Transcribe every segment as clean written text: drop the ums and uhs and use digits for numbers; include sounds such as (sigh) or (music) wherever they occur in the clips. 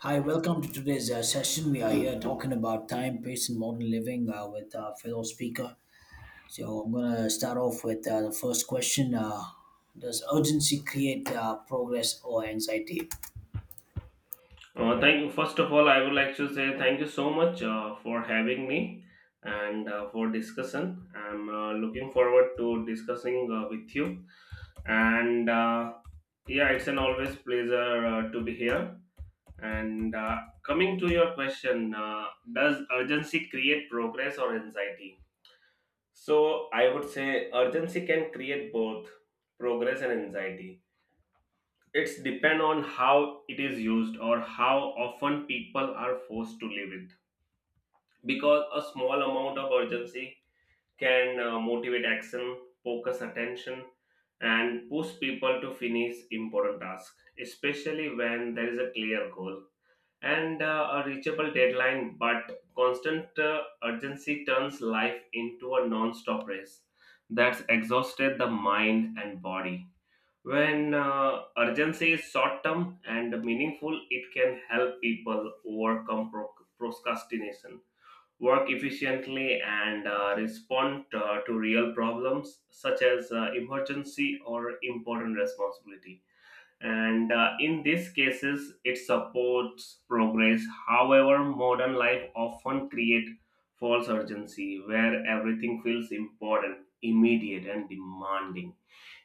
Hi, welcome to today's session. We are here talking about time, pace, and modern living with our fellow speaker. So, I'm going to start off with the first question. Does urgency create progress or anxiety? Thank you. First of all, I would like to say thank you so much for having me and for discussion. I'm looking forward to discussing with you. And Yeah, it's an always pleasure to be here. And Coming to your question, does urgency create progress or anxiety? So I would say urgency can create both progress and anxiety. It's depend on how it is used or how often people are forced to live it, because a small amount of urgency can motivate action, focus attention, and push people to finish important tasks, especially when there is a clear goal and a reachable deadline. But constant urgency turns life into a non stop race that's exhausted the mind and body. When urgency is short term and meaningful, it can help people overcome procrastination, work efficiently, and respond to real problems such as emergency or important responsibility, and in these cases it supports progress. However, modern life often create false urgency where everything feels important, immediate, and demanding,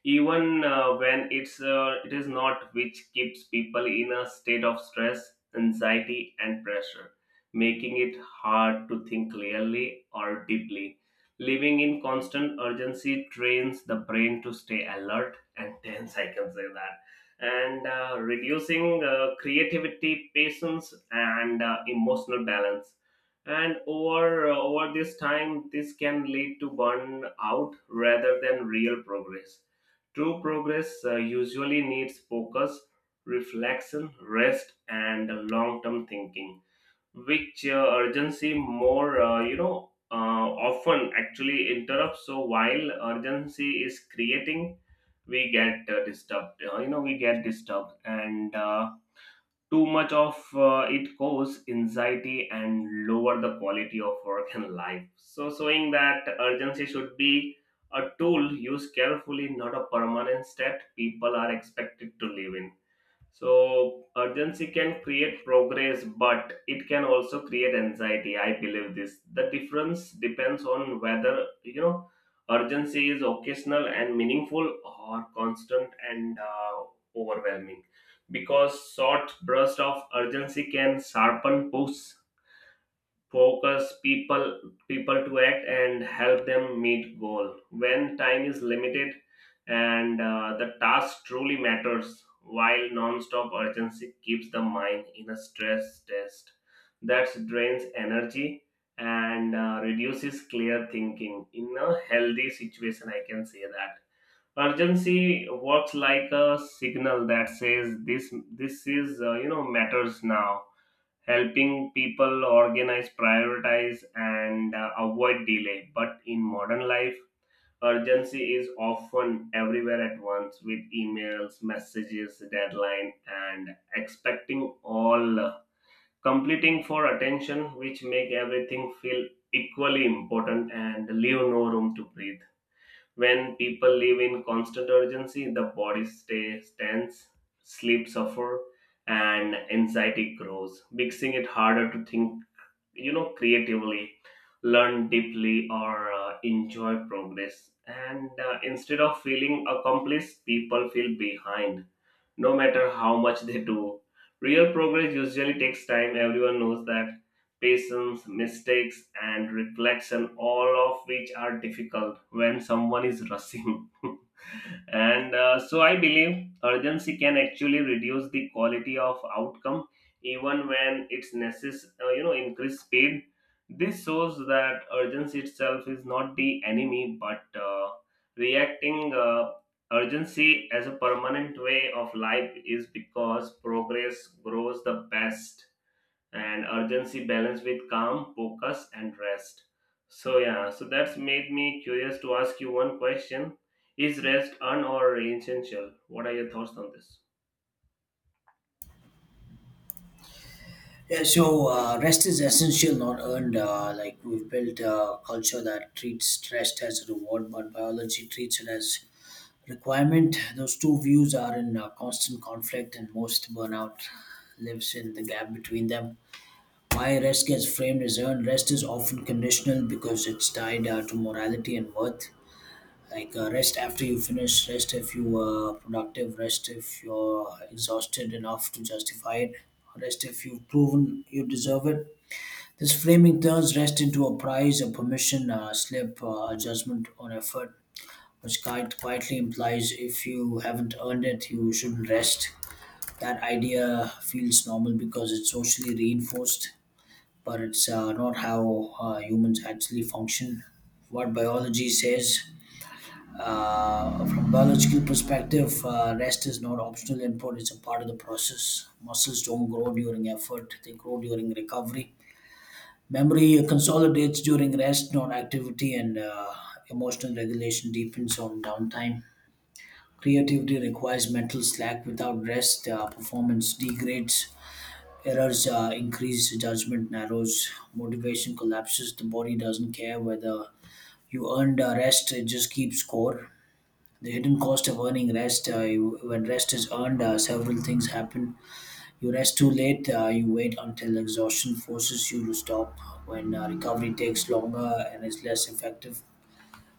even when it's it is not, which keeps people in a state of stress, anxiety, and pressure, making it hard to think clearly or deeply. Living in constant urgency trains the brain to stay alert and tense, I can say that, and reducing creativity, patience, and emotional balance, and over this time this can lead to burnout rather than real progress. True progress usually needs focus, reflection, rest, and long-term thinking, which urgency more often actually interrupts. So while urgency is creating, we get disturbed. We get disturbed, and too much of it causes anxiety and lower the quality of work and life. So, showing that urgency should be a tool used carefully, not a permanent state people are expected to live in. So urgency can create progress, but it can also create anxiety. I believe this. The difference depends on whether urgency is occasional and meaningful, or constant and overwhelming. Because short bursts of urgency can sharpen push, focus people to act and help them meet goal when time is limited and the task truly matters, while non-stop urgency keeps the mind in a stress test that drains energy and reduces clear thinking in a healthy situation, I can say that. Urgency works like a signal that says this is matters now, helping people organize, prioritize, and avoid delay. But in modern life, urgency is often everywhere at once with emails, messages, deadline, and expecting all, completing for attention, which make everything feel equally important and leave no room to breathe. When people live in constant urgency, the body stays tense, sleep suffer, and anxiety grows, making it harder to think creatively, learn deeply, or enjoy progress, and instead of feeling accomplished people feel behind no matter how much they do. Real progress usually takes time, everyone knows that. Patience, mistakes, and reflection, all of which are difficult when someone is rushing. (laughs) and so I believe urgency can actually reduce the quality of outcome even when it's necessary, increase speed. This shows that urgency itself is not the enemy, but reacting urgency as a permanent way of life is, because progress grows the best and urgency balance with calm focus and rest. So, yeah, that's made me curious to ask you one question: is rest un or essential? What are your thoughts on this? Yeah, so rest is essential, not earned. Like we've built a culture that treats rest as a reward, but biology treats it as requirement. Those two views are in constant conflict, and most burnout lives in the gap between them. Why rest gets framed as earned. Rest is often conditional because it's tied to morality and worth. Like rest after you finish, rest if you were productive, rest if you're exhausted enough to justify it, rest if you've proven you deserve it. This framing turns rest into a prize, a permission, a slip, a judgment on effort, which quite quietly implies if you haven't earned it, you shouldn't rest. That idea feels normal because it's socially reinforced, but it's not how humans actually function. What biology says, from biological perspective, rest is not optional input; it's a part of the process. Muscles don't grow during effort; they grow during recovery. Memory consolidates during rest, not activity, and emotional regulation deepens on downtime. Creativity requires mental slack. Without rest, performance degrades. Errors increase, judgment narrows, motivation collapses, the body doesn't care whether you earned rest, it just keeps score. The hidden cost of earning rest, when rest is earned, several things happen. You rest too late, you wait until exhaustion forces you to stop, when recovery takes longer and is less effective.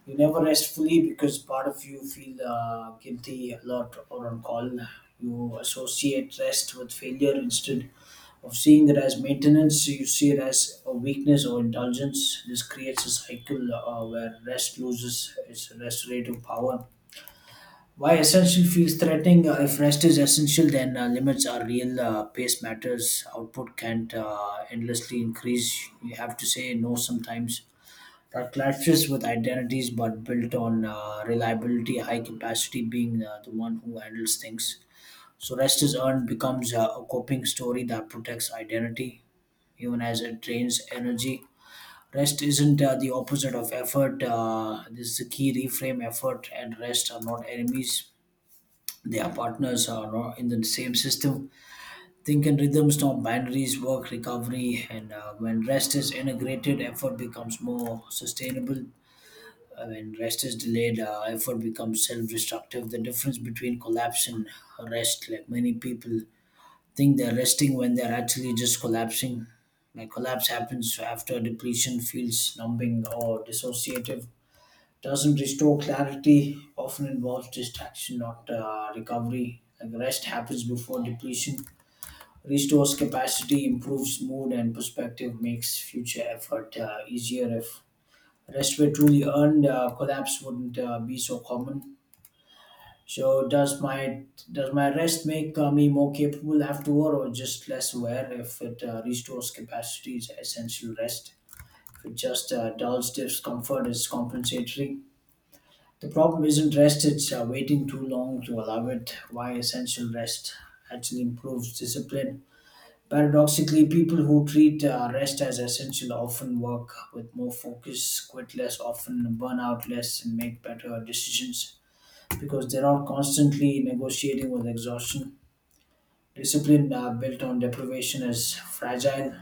You never rest fully because part of you feel guilty, a lot or on call. You associate rest with failure instead of seeing it as maintenance. You see it as a weakness or indulgence. This creates a cycle where rest loses its restorative power. Why essential feels threatening? If rest is essential, then limits are real. Pace matters. Output can't endlessly increase. You have to say no sometimes. That clashes with identities but built on reliability, high capacity being the one who handles things. So, rest is earned becomes a coping story that protects identity even as it drains energy. Rest isn't the opposite of effort. This is the key reframe effort and rest are not enemies. They are partners are not in the same system. Think in rhythms, not binaries, work, recovery, and when rest is integrated, effort becomes more sustainable. When rest is delayed, effort becomes self-destructive. The difference between collapse and rest, like many people think they're resting when they're actually just collapsing. Like collapse happens after depletion, feels numbing or dissociative, doesn't restore clarity. Often involves distraction, not recovery. Like rest happens before depletion, restores capacity, improves mood and perspective, makes future effort easier. If rest were truly earned, collapse wouldn't be so common. So does my rest make me more capable afterward, or just less aware? If it restores capacity, is essential rest. If it just dulls discomfort, is compensatory. The problem isn't rest; it's waiting too long to allow it. Why essential rest actually improves discipline. Paradoxically, people who treat rest as essential often work with more focus, quit less often, burn out less, and make better decisions because they're not constantly negotiating with exhaustion. Discipline built on deprivation is fragile,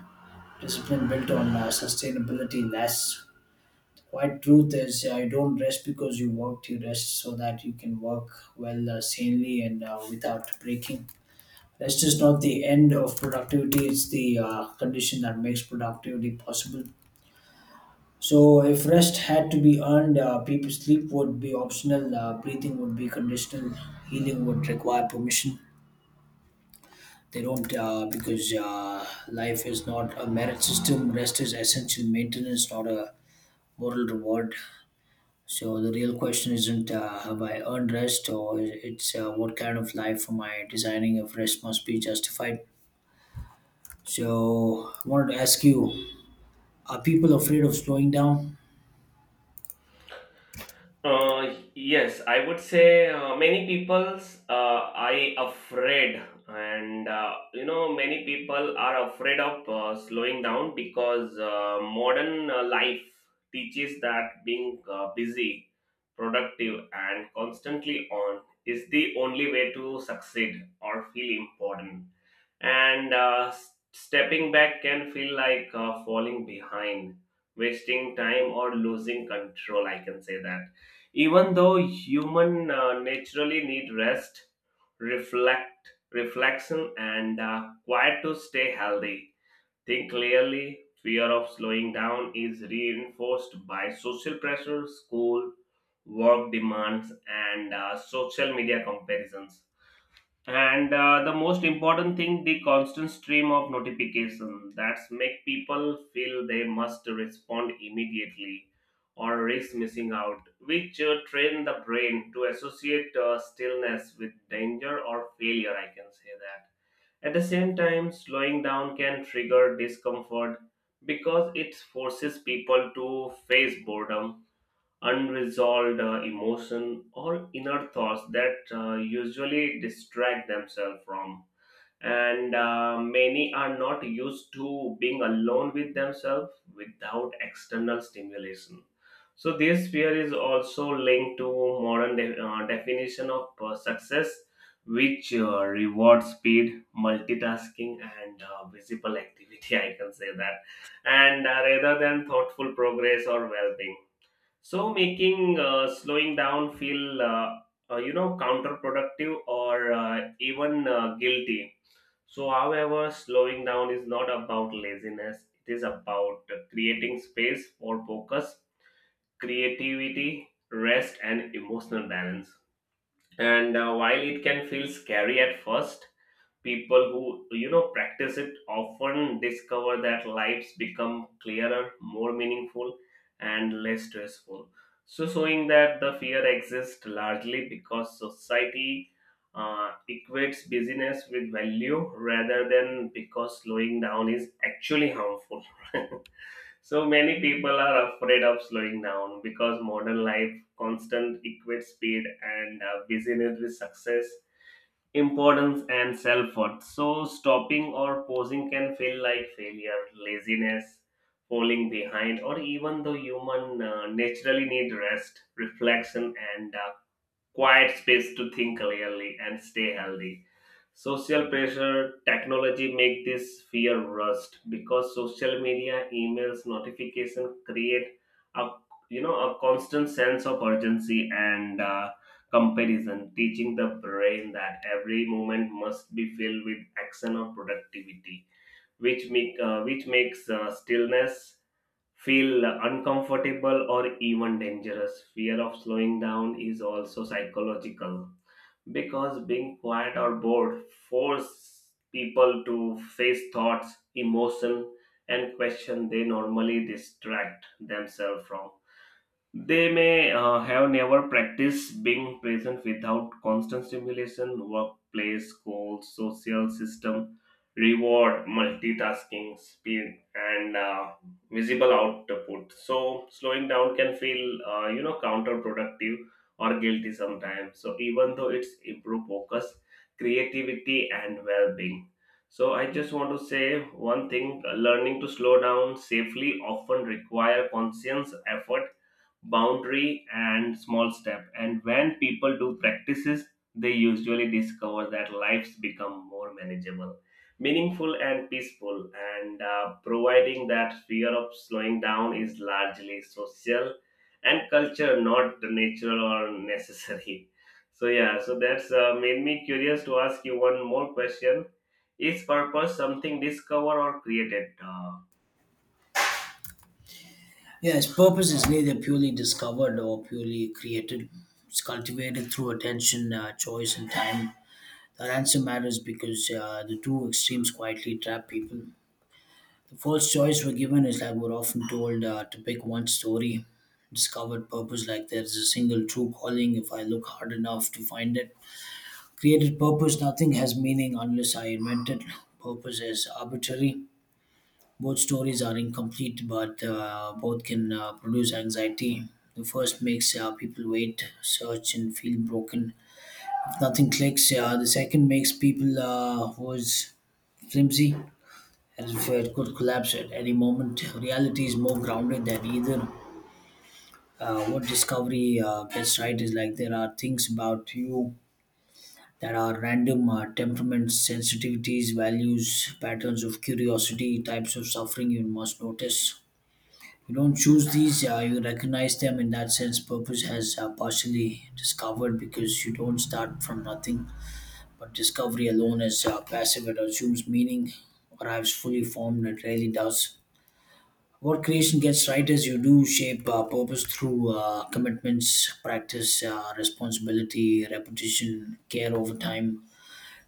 discipline built on sustainability lasts. White truth is, you don't rest because you worked, you rest so that you can work well, sanely, and without breaking. Rest is not the end of productivity, it's the condition that makes productivity possible. So, if rest had to be earned, people sleep would be optional, breathing would be conditional, healing would require permission. They don't, because life is not a merit system, rest is essential maintenance, not a moral reward. So, the real question isn't have I earned rest or it's what kind of life am I designing if rest must be justified. So, I wanted to ask you, are people afraid of slowing down? Yes, I would say many people's are afraid, and many people are afraid of slowing down because modern life teaches that being busy, productive, and constantly on is the only way to succeed or feel important, and stepping back can feel like falling behind, wasting time, or losing control, I can say that. Even though human naturally need rest, reflection, and quiet to stay healthy, think clearly. Fear of slowing down is reinforced by social pressure, school, work demands, and social media comparisons, and the most important thing, the constant stream of notification that's make people feel they must respond immediately or risk missing out, which train the brain to associate stillness with danger or failure, I can say that. At the same time, slowing down can trigger discomfort because it forces people to face boredom, unresolved emotion, or inner thoughts that usually distract themselves from, and many are not used to being alone with themselves without external stimulation. So this fear is also linked to modern definition of success, which rewards speed, multitasking, and visible activity (laughs) I can say that, and rather than thoughtful progress or well-being, so making slowing down feel counterproductive or even guilty. So, however, slowing down is not about laziness, it is about creating space for focus, creativity, rest, and emotional balance. And while it can feel scary at first, people who practice it often discover that lives become clearer, more meaningful, and less stressful, so showing that the fear exists largely because society equates busyness with value rather than because slowing down is actually harmful. (laughs) So many people are afraid of slowing down because modern life constant equates speed and busyness with success, importance, and self-worth, so stopping or pausing can feel like failure, laziness, falling behind, or even the human naturally need rest, reflection, and quiet space to think clearly and stay healthy. Social pressure, technology make this fear rust because social media, emails, notification create a you know a constant sense of urgency and comparison, teaching the brain that every moment must be filled with action or productivity, which makes stillness feel uncomfortable or even dangerous. Fear of slowing down is also psychological because being quiet or bored force people to face thoughts, emotion, and question they normally distract themselves from. They may have never practiced being present without constant stimulation, workplace, goals, social system, reward, multitasking, speed, and visible output. So slowing down can feel, counterproductive or guilty sometimes. So even though it's improve focus, creativity, and well-being. So I just want to say one thing: learning to slow down safely often require conscious effort, boundary, and small step, and when people do practices they usually discover that lives become more manageable, meaningful, and peaceful, and providing that fear of slowing down is largely social and culture, not natural or necessary. So, yeah, that's made me curious to ask you one more question: is purpose something discovered or created Yes, purpose is neither purely discovered or purely created. It's cultivated through attention, choice, and time. That answer matters because the two extremes quietly trap people. The first choice we're given is like we're often told to pick one story, discovered purpose, like there's a single true calling if I look hard enough to find it. Created purpose, nothing has meaning unless I invent it. Purpose is arbitrary. Both stories are incomplete, but both can produce anxiety. The first makes people wait, search, and feel broken. If nothing clicks, the second makes people who is flimsy as if it could collapse at any moment. Reality is more grounded than either. What discovery gets right is like there are things about you that are random temperaments, sensitivities, values, patterns of curiosity, types of suffering you must notice. You don't choose these, you recognize them. In that sense, purpose has partially discovered because you don't start from nothing. But discovery alone is passive, it assumes meaning, arrives fully formed, it rarely does. What creation gets right is you do shape purpose through commitments, practice, responsibility, repetition, care over time.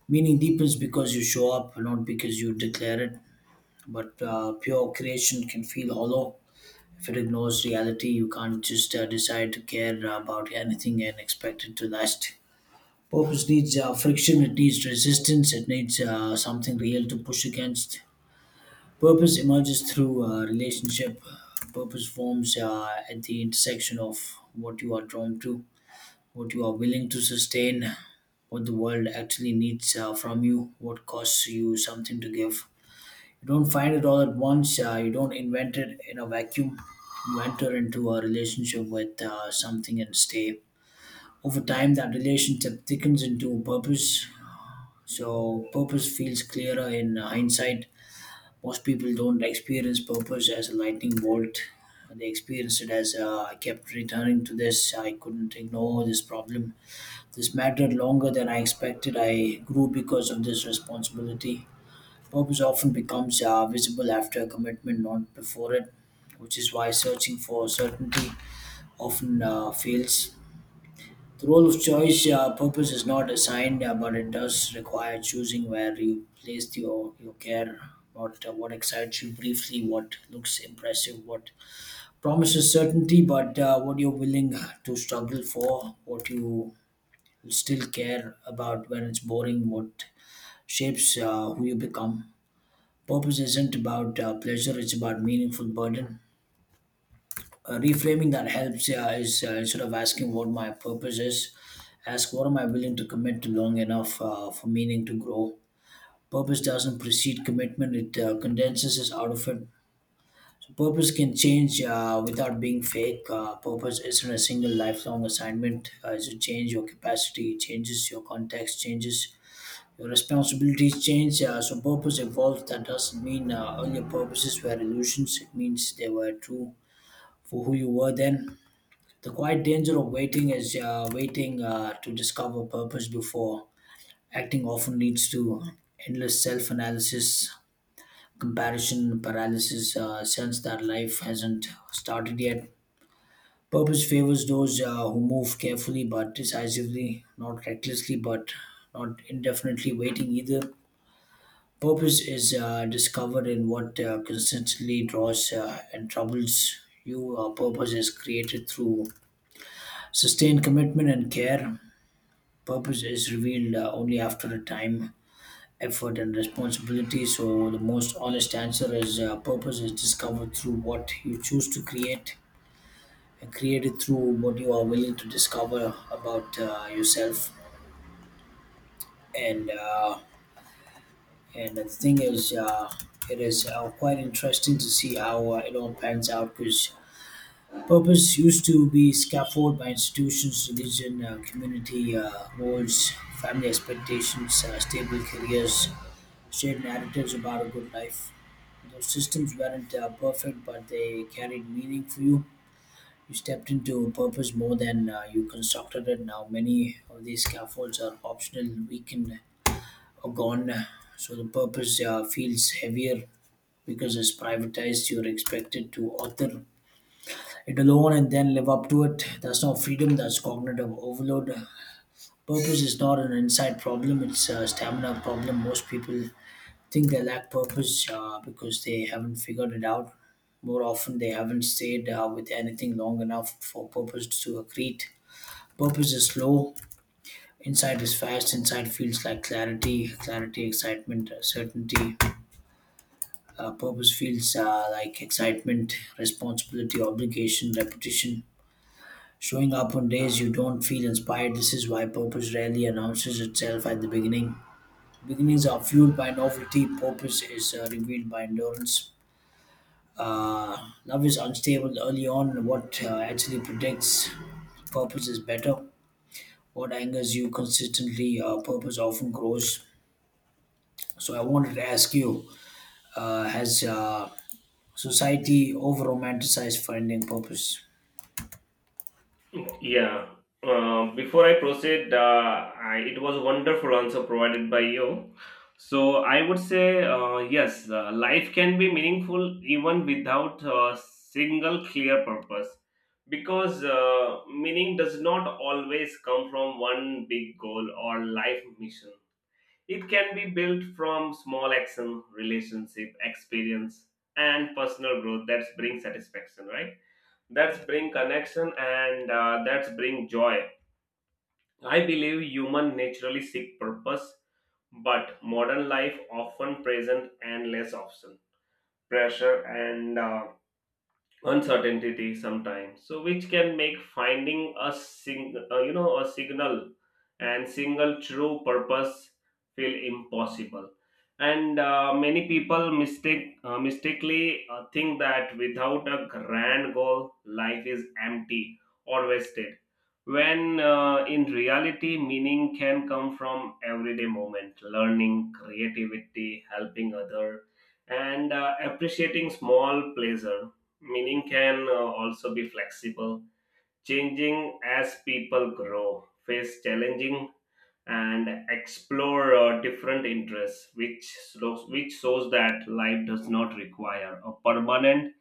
Meaning deepens because you show up, not because you declare it. But pure creation can feel hollow if it ignores reality, you can't just decide to care about anything and expect it to last. Purpose needs friction, it needs resistance, it needs something real to push against. Purpose emerges through relationship. Purpose forms at the intersection of what you are drawn to, what you are willing to sustain, what the world actually needs from you, what costs you something to give. You don't find it all at once. You don't invent it in a vacuum. You enter into a relationship with something and stay. Over time, that relationship thickens into purpose. So, purpose feels clearer in hindsight. Most people don't experience purpose as a lightning bolt. They experience it as I kept returning to this. I couldn't ignore this problem. This mattered longer than I expected. I grew because of this responsibility. Purpose often becomes visible after a commitment, not before it, which is why searching for certainty often fails. The role of choice. Purpose is not assigned, but it does require choosing where you place your care, what excites you briefly, what looks impressive, what promises certainty, but what you're willing to struggle for, what you still care about when it's boring, what shapes who you become. Purpose isn't about pleasure; it's about meaningful burden. Reframing that helps is instead of asking what my purpose is, ask what am I willing to commit to long enough for meaning to grow. Purpose doesn't precede commitment; it condenses us out of it. So purpose can change without being fake. Purpose isn't a single lifelong assignment. It's a change your capacity, changes your context, changes your responsibilities change, so purpose evolves. That doesn't mean earlier purposes were illusions. It means they were true for who you were then. The quiet danger of waiting is waiting to discover purpose before acting often leads to endless self-analysis, comparison paralysis, sense that life hasn't started yet. Purpose favors those who move carefully but decisively, not recklessly but not indefinitely waiting either. Purpose is discovered in what consistently draws and troubles you. Purpose is created through sustained commitment and care. Purpose is revealed only after a time, effort, and responsibility. So, the most honest answer is purpose is discovered through what you choose to create and created through what you are willing to discover about yourself. And uh, And the thing is, it is quite interesting to see how it all pans out because purpose used to be scaffolded by institutions, religion, community roles, family expectations, stable careers, shared narratives about a good life. Those systems weren't perfect, but they carried meaning for you. You stepped into a purpose more than you constructed it. Now, many of these scaffolds are optional, weakened, or gone, so the purpose feels heavier because it's privatized. You're expected to author it alone and then live up to it. That's not freedom, that's cognitive overload. Purpose is not an inside problem, it's a stamina problem. Most people think they lack purpose because they haven't figured it out. More often they haven't stayed with anything long enough for purpose to accrete. Purpose is slow. Insight is fast. Insight feels like clarity, clarity, excitement, certainty. Purpose feels like excitement, responsibility, obligation, repetition. Showing up on days you don't feel inspired. This is why purpose rarely announces itself at the beginning. Beginnings are fueled by novelty, purpose is revealed by endurance. Love is unstable early on. What actually predicts purpose is better. What angers you consistently, purpose often grows. So I wanted to ask you: Has society over romanticized finding purpose? Yeah. Before I proceed, it was a wonderful answer provided by you. So I would say yes, life can be meaningful even without a single clear purpose, because meaning does not always come from one big goal or life mission. It can be built from small action, relationship, experience, and personal growth that brings satisfaction, right? That's bring connection and that's bring joy. I believe human naturally seek purpose, but modern life often present endless option, pressure, and uncertainty sometimes, so which can make finding a signal and single true purpose feel impossible, and many people mistakenly think that without a grand goal life is empty or wasted, when in reality meaning can come from everyday moment, learning, creativity, helping other, and appreciating small pleasure. Meaning can also be flexible, changing as people grow, face challenging, and explore different interests, which shows that life does not require a permanent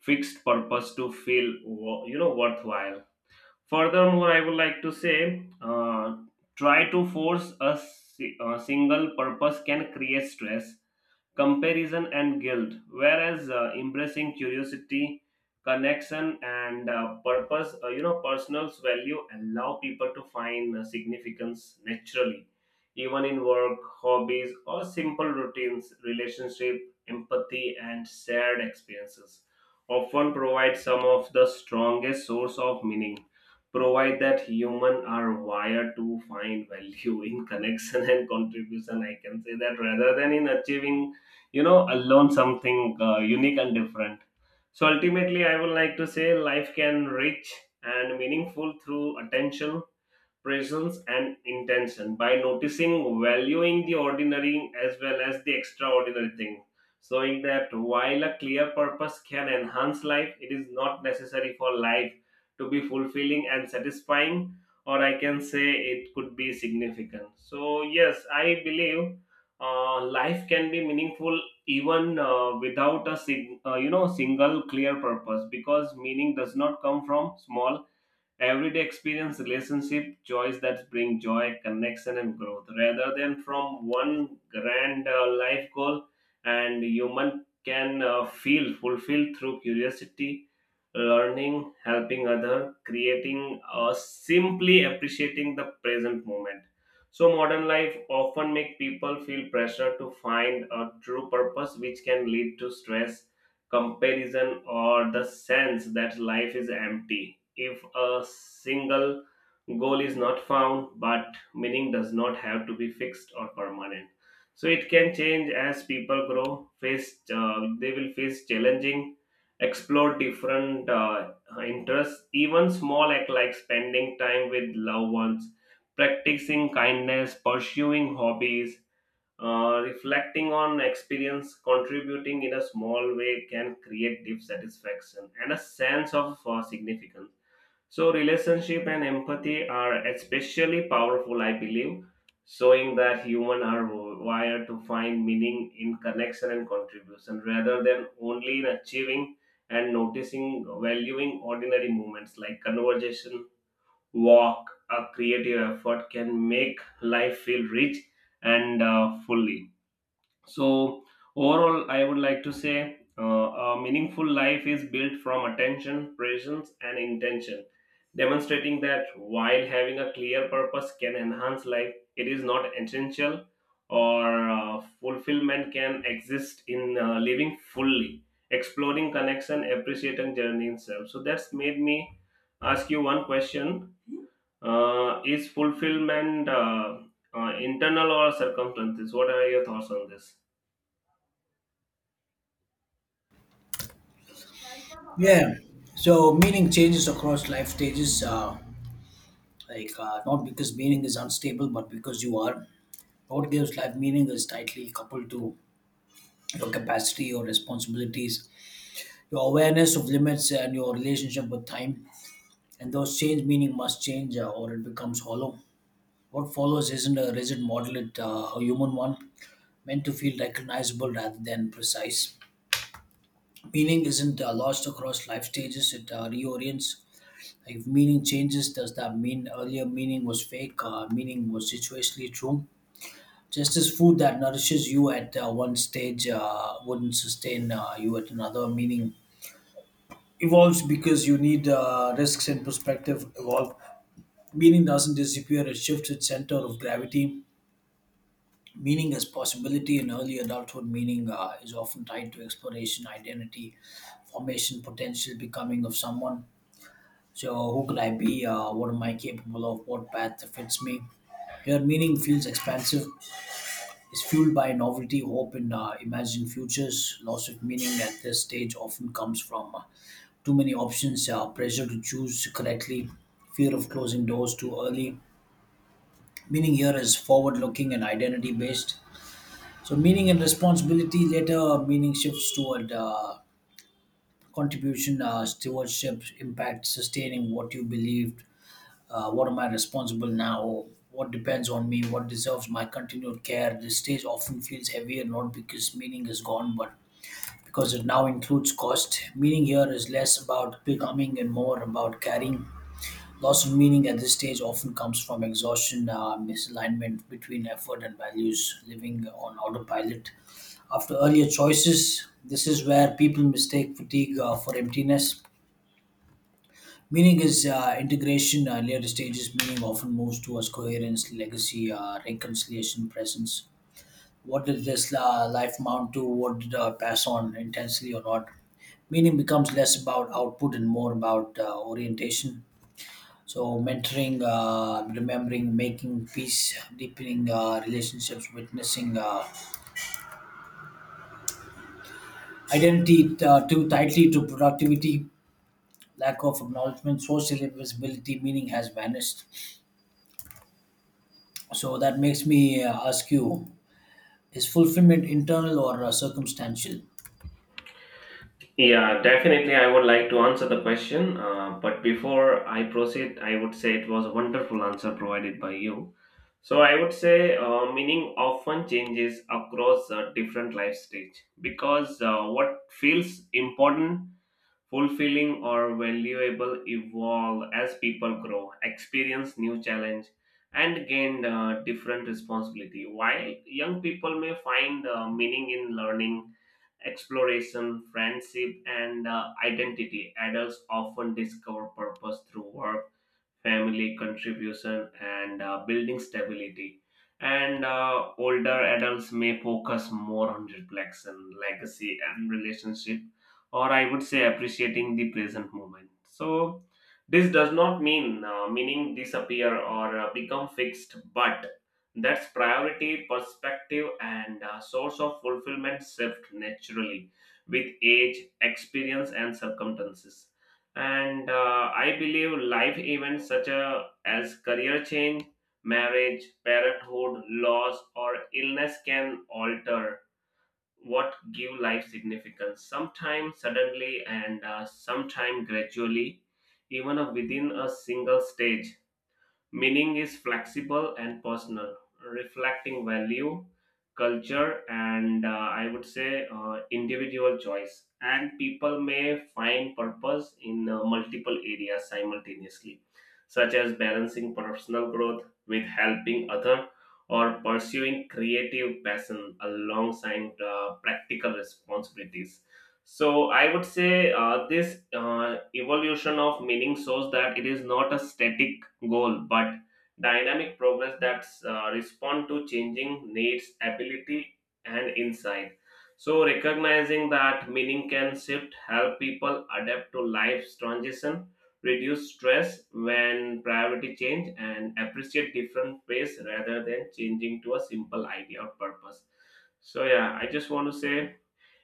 fixed purpose to feel worthwhile. Furthermore, I would like to say, try to force a single purpose can create stress, comparison, and guilt, whereas embracing curiosity, connection, and purpose, personal's value allow people to find significance naturally, even in work, hobbies, or simple routines. Relationship, empathy, and shared experiences often provide some of the strongest source of meaning, provide that human are wired to find value in connection and contribution, I can say that, rather than in achieving, learn something unique and different. So ultimately I would like to say life can rich and meaningful through attention, presence, and intention, by noticing, valuing the ordinary as well as the extraordinary thing, showing that while a clear purpose can enhance life, it is not necessary for life to be fulfilling and satisfying, or I can say it could be significant. So yes, I believe life can be meaningful, even without a single clear purpose, because meaning does not come from small everyday experience, relationship, choice, that bring joy, connection, and growth, rather than from one grand life goal. And human can feel fulfilled through curiosity, learning, helping other, creating, simply appreciating the present moment. So modern life often make people feel pressure to find a true purpose, which can lead to stress, comparison, or the sense that life is empty if a single goal is not found, but meaning does not have to be fixed or permanent. So it can change as people grow, face they will face challenging, explore different interests. Even small act like spending time with loved ones, practicing kindness, pursuing hobbies, reflecting on experience, contributing in a small way can create deep satisfaction and a sense of significance. So, relationship and empathy are especially powerful, I believe, showing that humans are wired to find meaning in connection and contribution rather than only in achieving, and noticing, valuing ordinary moments like conversation, walk, a creative effort can make life feel rich and fully. So, overall, I would like to say a meaningful life is built from attention, presence, and intention, demonstrating that while having a clear purpose can enhance life, it is not essential, or fulfillment can exist in living fully, exploring connection, appreciating journey itself. So, that's made me ask you one question. Uh, is fulfillment internal or circumstances? What are your thoughts on this? Yeah. So meaning changes across life stages, like not because meaning is unstable, but because you are. What gives life meaning is tightly coupled to your capacity, your responsibilities, your awareness of limits, and your relationship with time. And those change meaning must change, or it becomes hollow. What follows isn't a rigid model; it a human one, meant to feel recognizable rather than precise. Meaning isn't lost across life stages; it reorients. Like if meaning changes, does that mean earlier meaning was fake? Meaning was situationally true. Just as food that nourishes you at one stage wouldn't sustain you at another. Meaning evolves because you need risks and perspective evolve. Meaning doesn't disappear; it shifts its center of gravity. Meaning as possibility in early adulthood. Meaning is often tied to exploration, identity, formation, potential becoming of someone. So, who can I be? What am I capable of? What path fits me? Your meaning feels expansive, is fueled by novelty, hope, and imagined futures. Loss of meaning at this stage often comes from too many options, pressure to choose correctly, fear of closing doors too early. Meaning here is forward looking and identity based. So, meaning and responsibility later, meaning shifts toward contribution, stewardship, impact, sustaining what you believe, what am I responsible now, what depends on me, what deserves my continued care. This stage often feels heavier not because meaning is gone, but because it now includes cost. Meaning here is less about becoming and more about carrying. Loss of meaning at this stage often comes from exhaustion, misalignment between effort and values, living on autopilot. After earlier choices, this is where people mistake fatigue for emptiness. Meaning is integration. Later stages, meaning often moves towards coherence, legacy, reconciliation, presence. What did this life mount to? What did pass on intensely or not? Meaning becomes less about output and more about orientation. So, mentoring, remembering, making peace, deepening relationships, witnessing identity too tightly to productivity, lack of acknowledgement, social invisibility, meaning has vanished. So that makes me ask you: is fulfillment internal or circumstantial? Yeah, definitely. I would like to answer the question. But before I proceed, I would say it was a wonderful answer provided by you. So I would say meaning often changes across different life stage, because what feels important, fulfilling, or valuable evolve as people grow, experience new challenge, and gain different responsibility. While young people may find meaning in learning, exploration, friendship, and identity, adults often discover purpose through work, family, contribution, and building stability, and older adults may focus more on reflection, legacy, and relationship, or I would say appreciating the present moment. So this does not mean meaning disappear or become fixed, but that's priority, perspective, and source of fulfillment shift naturally with age, experience, and circumstances. And I believe life events such as career change, marriage, parenthood, loss, or illness can alter what give life significance, sometimes suddenly and sometimes gradually, even within a single stage. Meaning is flexible and personal, reflecting value, culture, and, I would say, individual choice. And people may find purpose in multiple areas simultaneously, such as balancing personal growth with helping other, or pursuing creative passion alongside practical responsibilities. So I would say this evolution of meaning shows that it is not a static goal, but dynamic progress that respond to changing needs, ability, and insight. So recognizing that meaning can shift help people adapt to life's transition, reduce stress when priority change, and appreciate different ways rather than changing to a simple idea of purpose. So yeah, I just want to say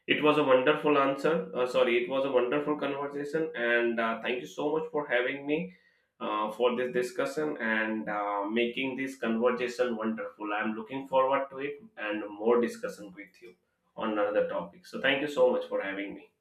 it was a wonderful answer. Sorry, it was a wonderful conversation, and thank you so much for having me for this discussion, and making this conversation wonderful. I'm looking forward to it and more discussion with you on another topic. So, thank you so much for having me.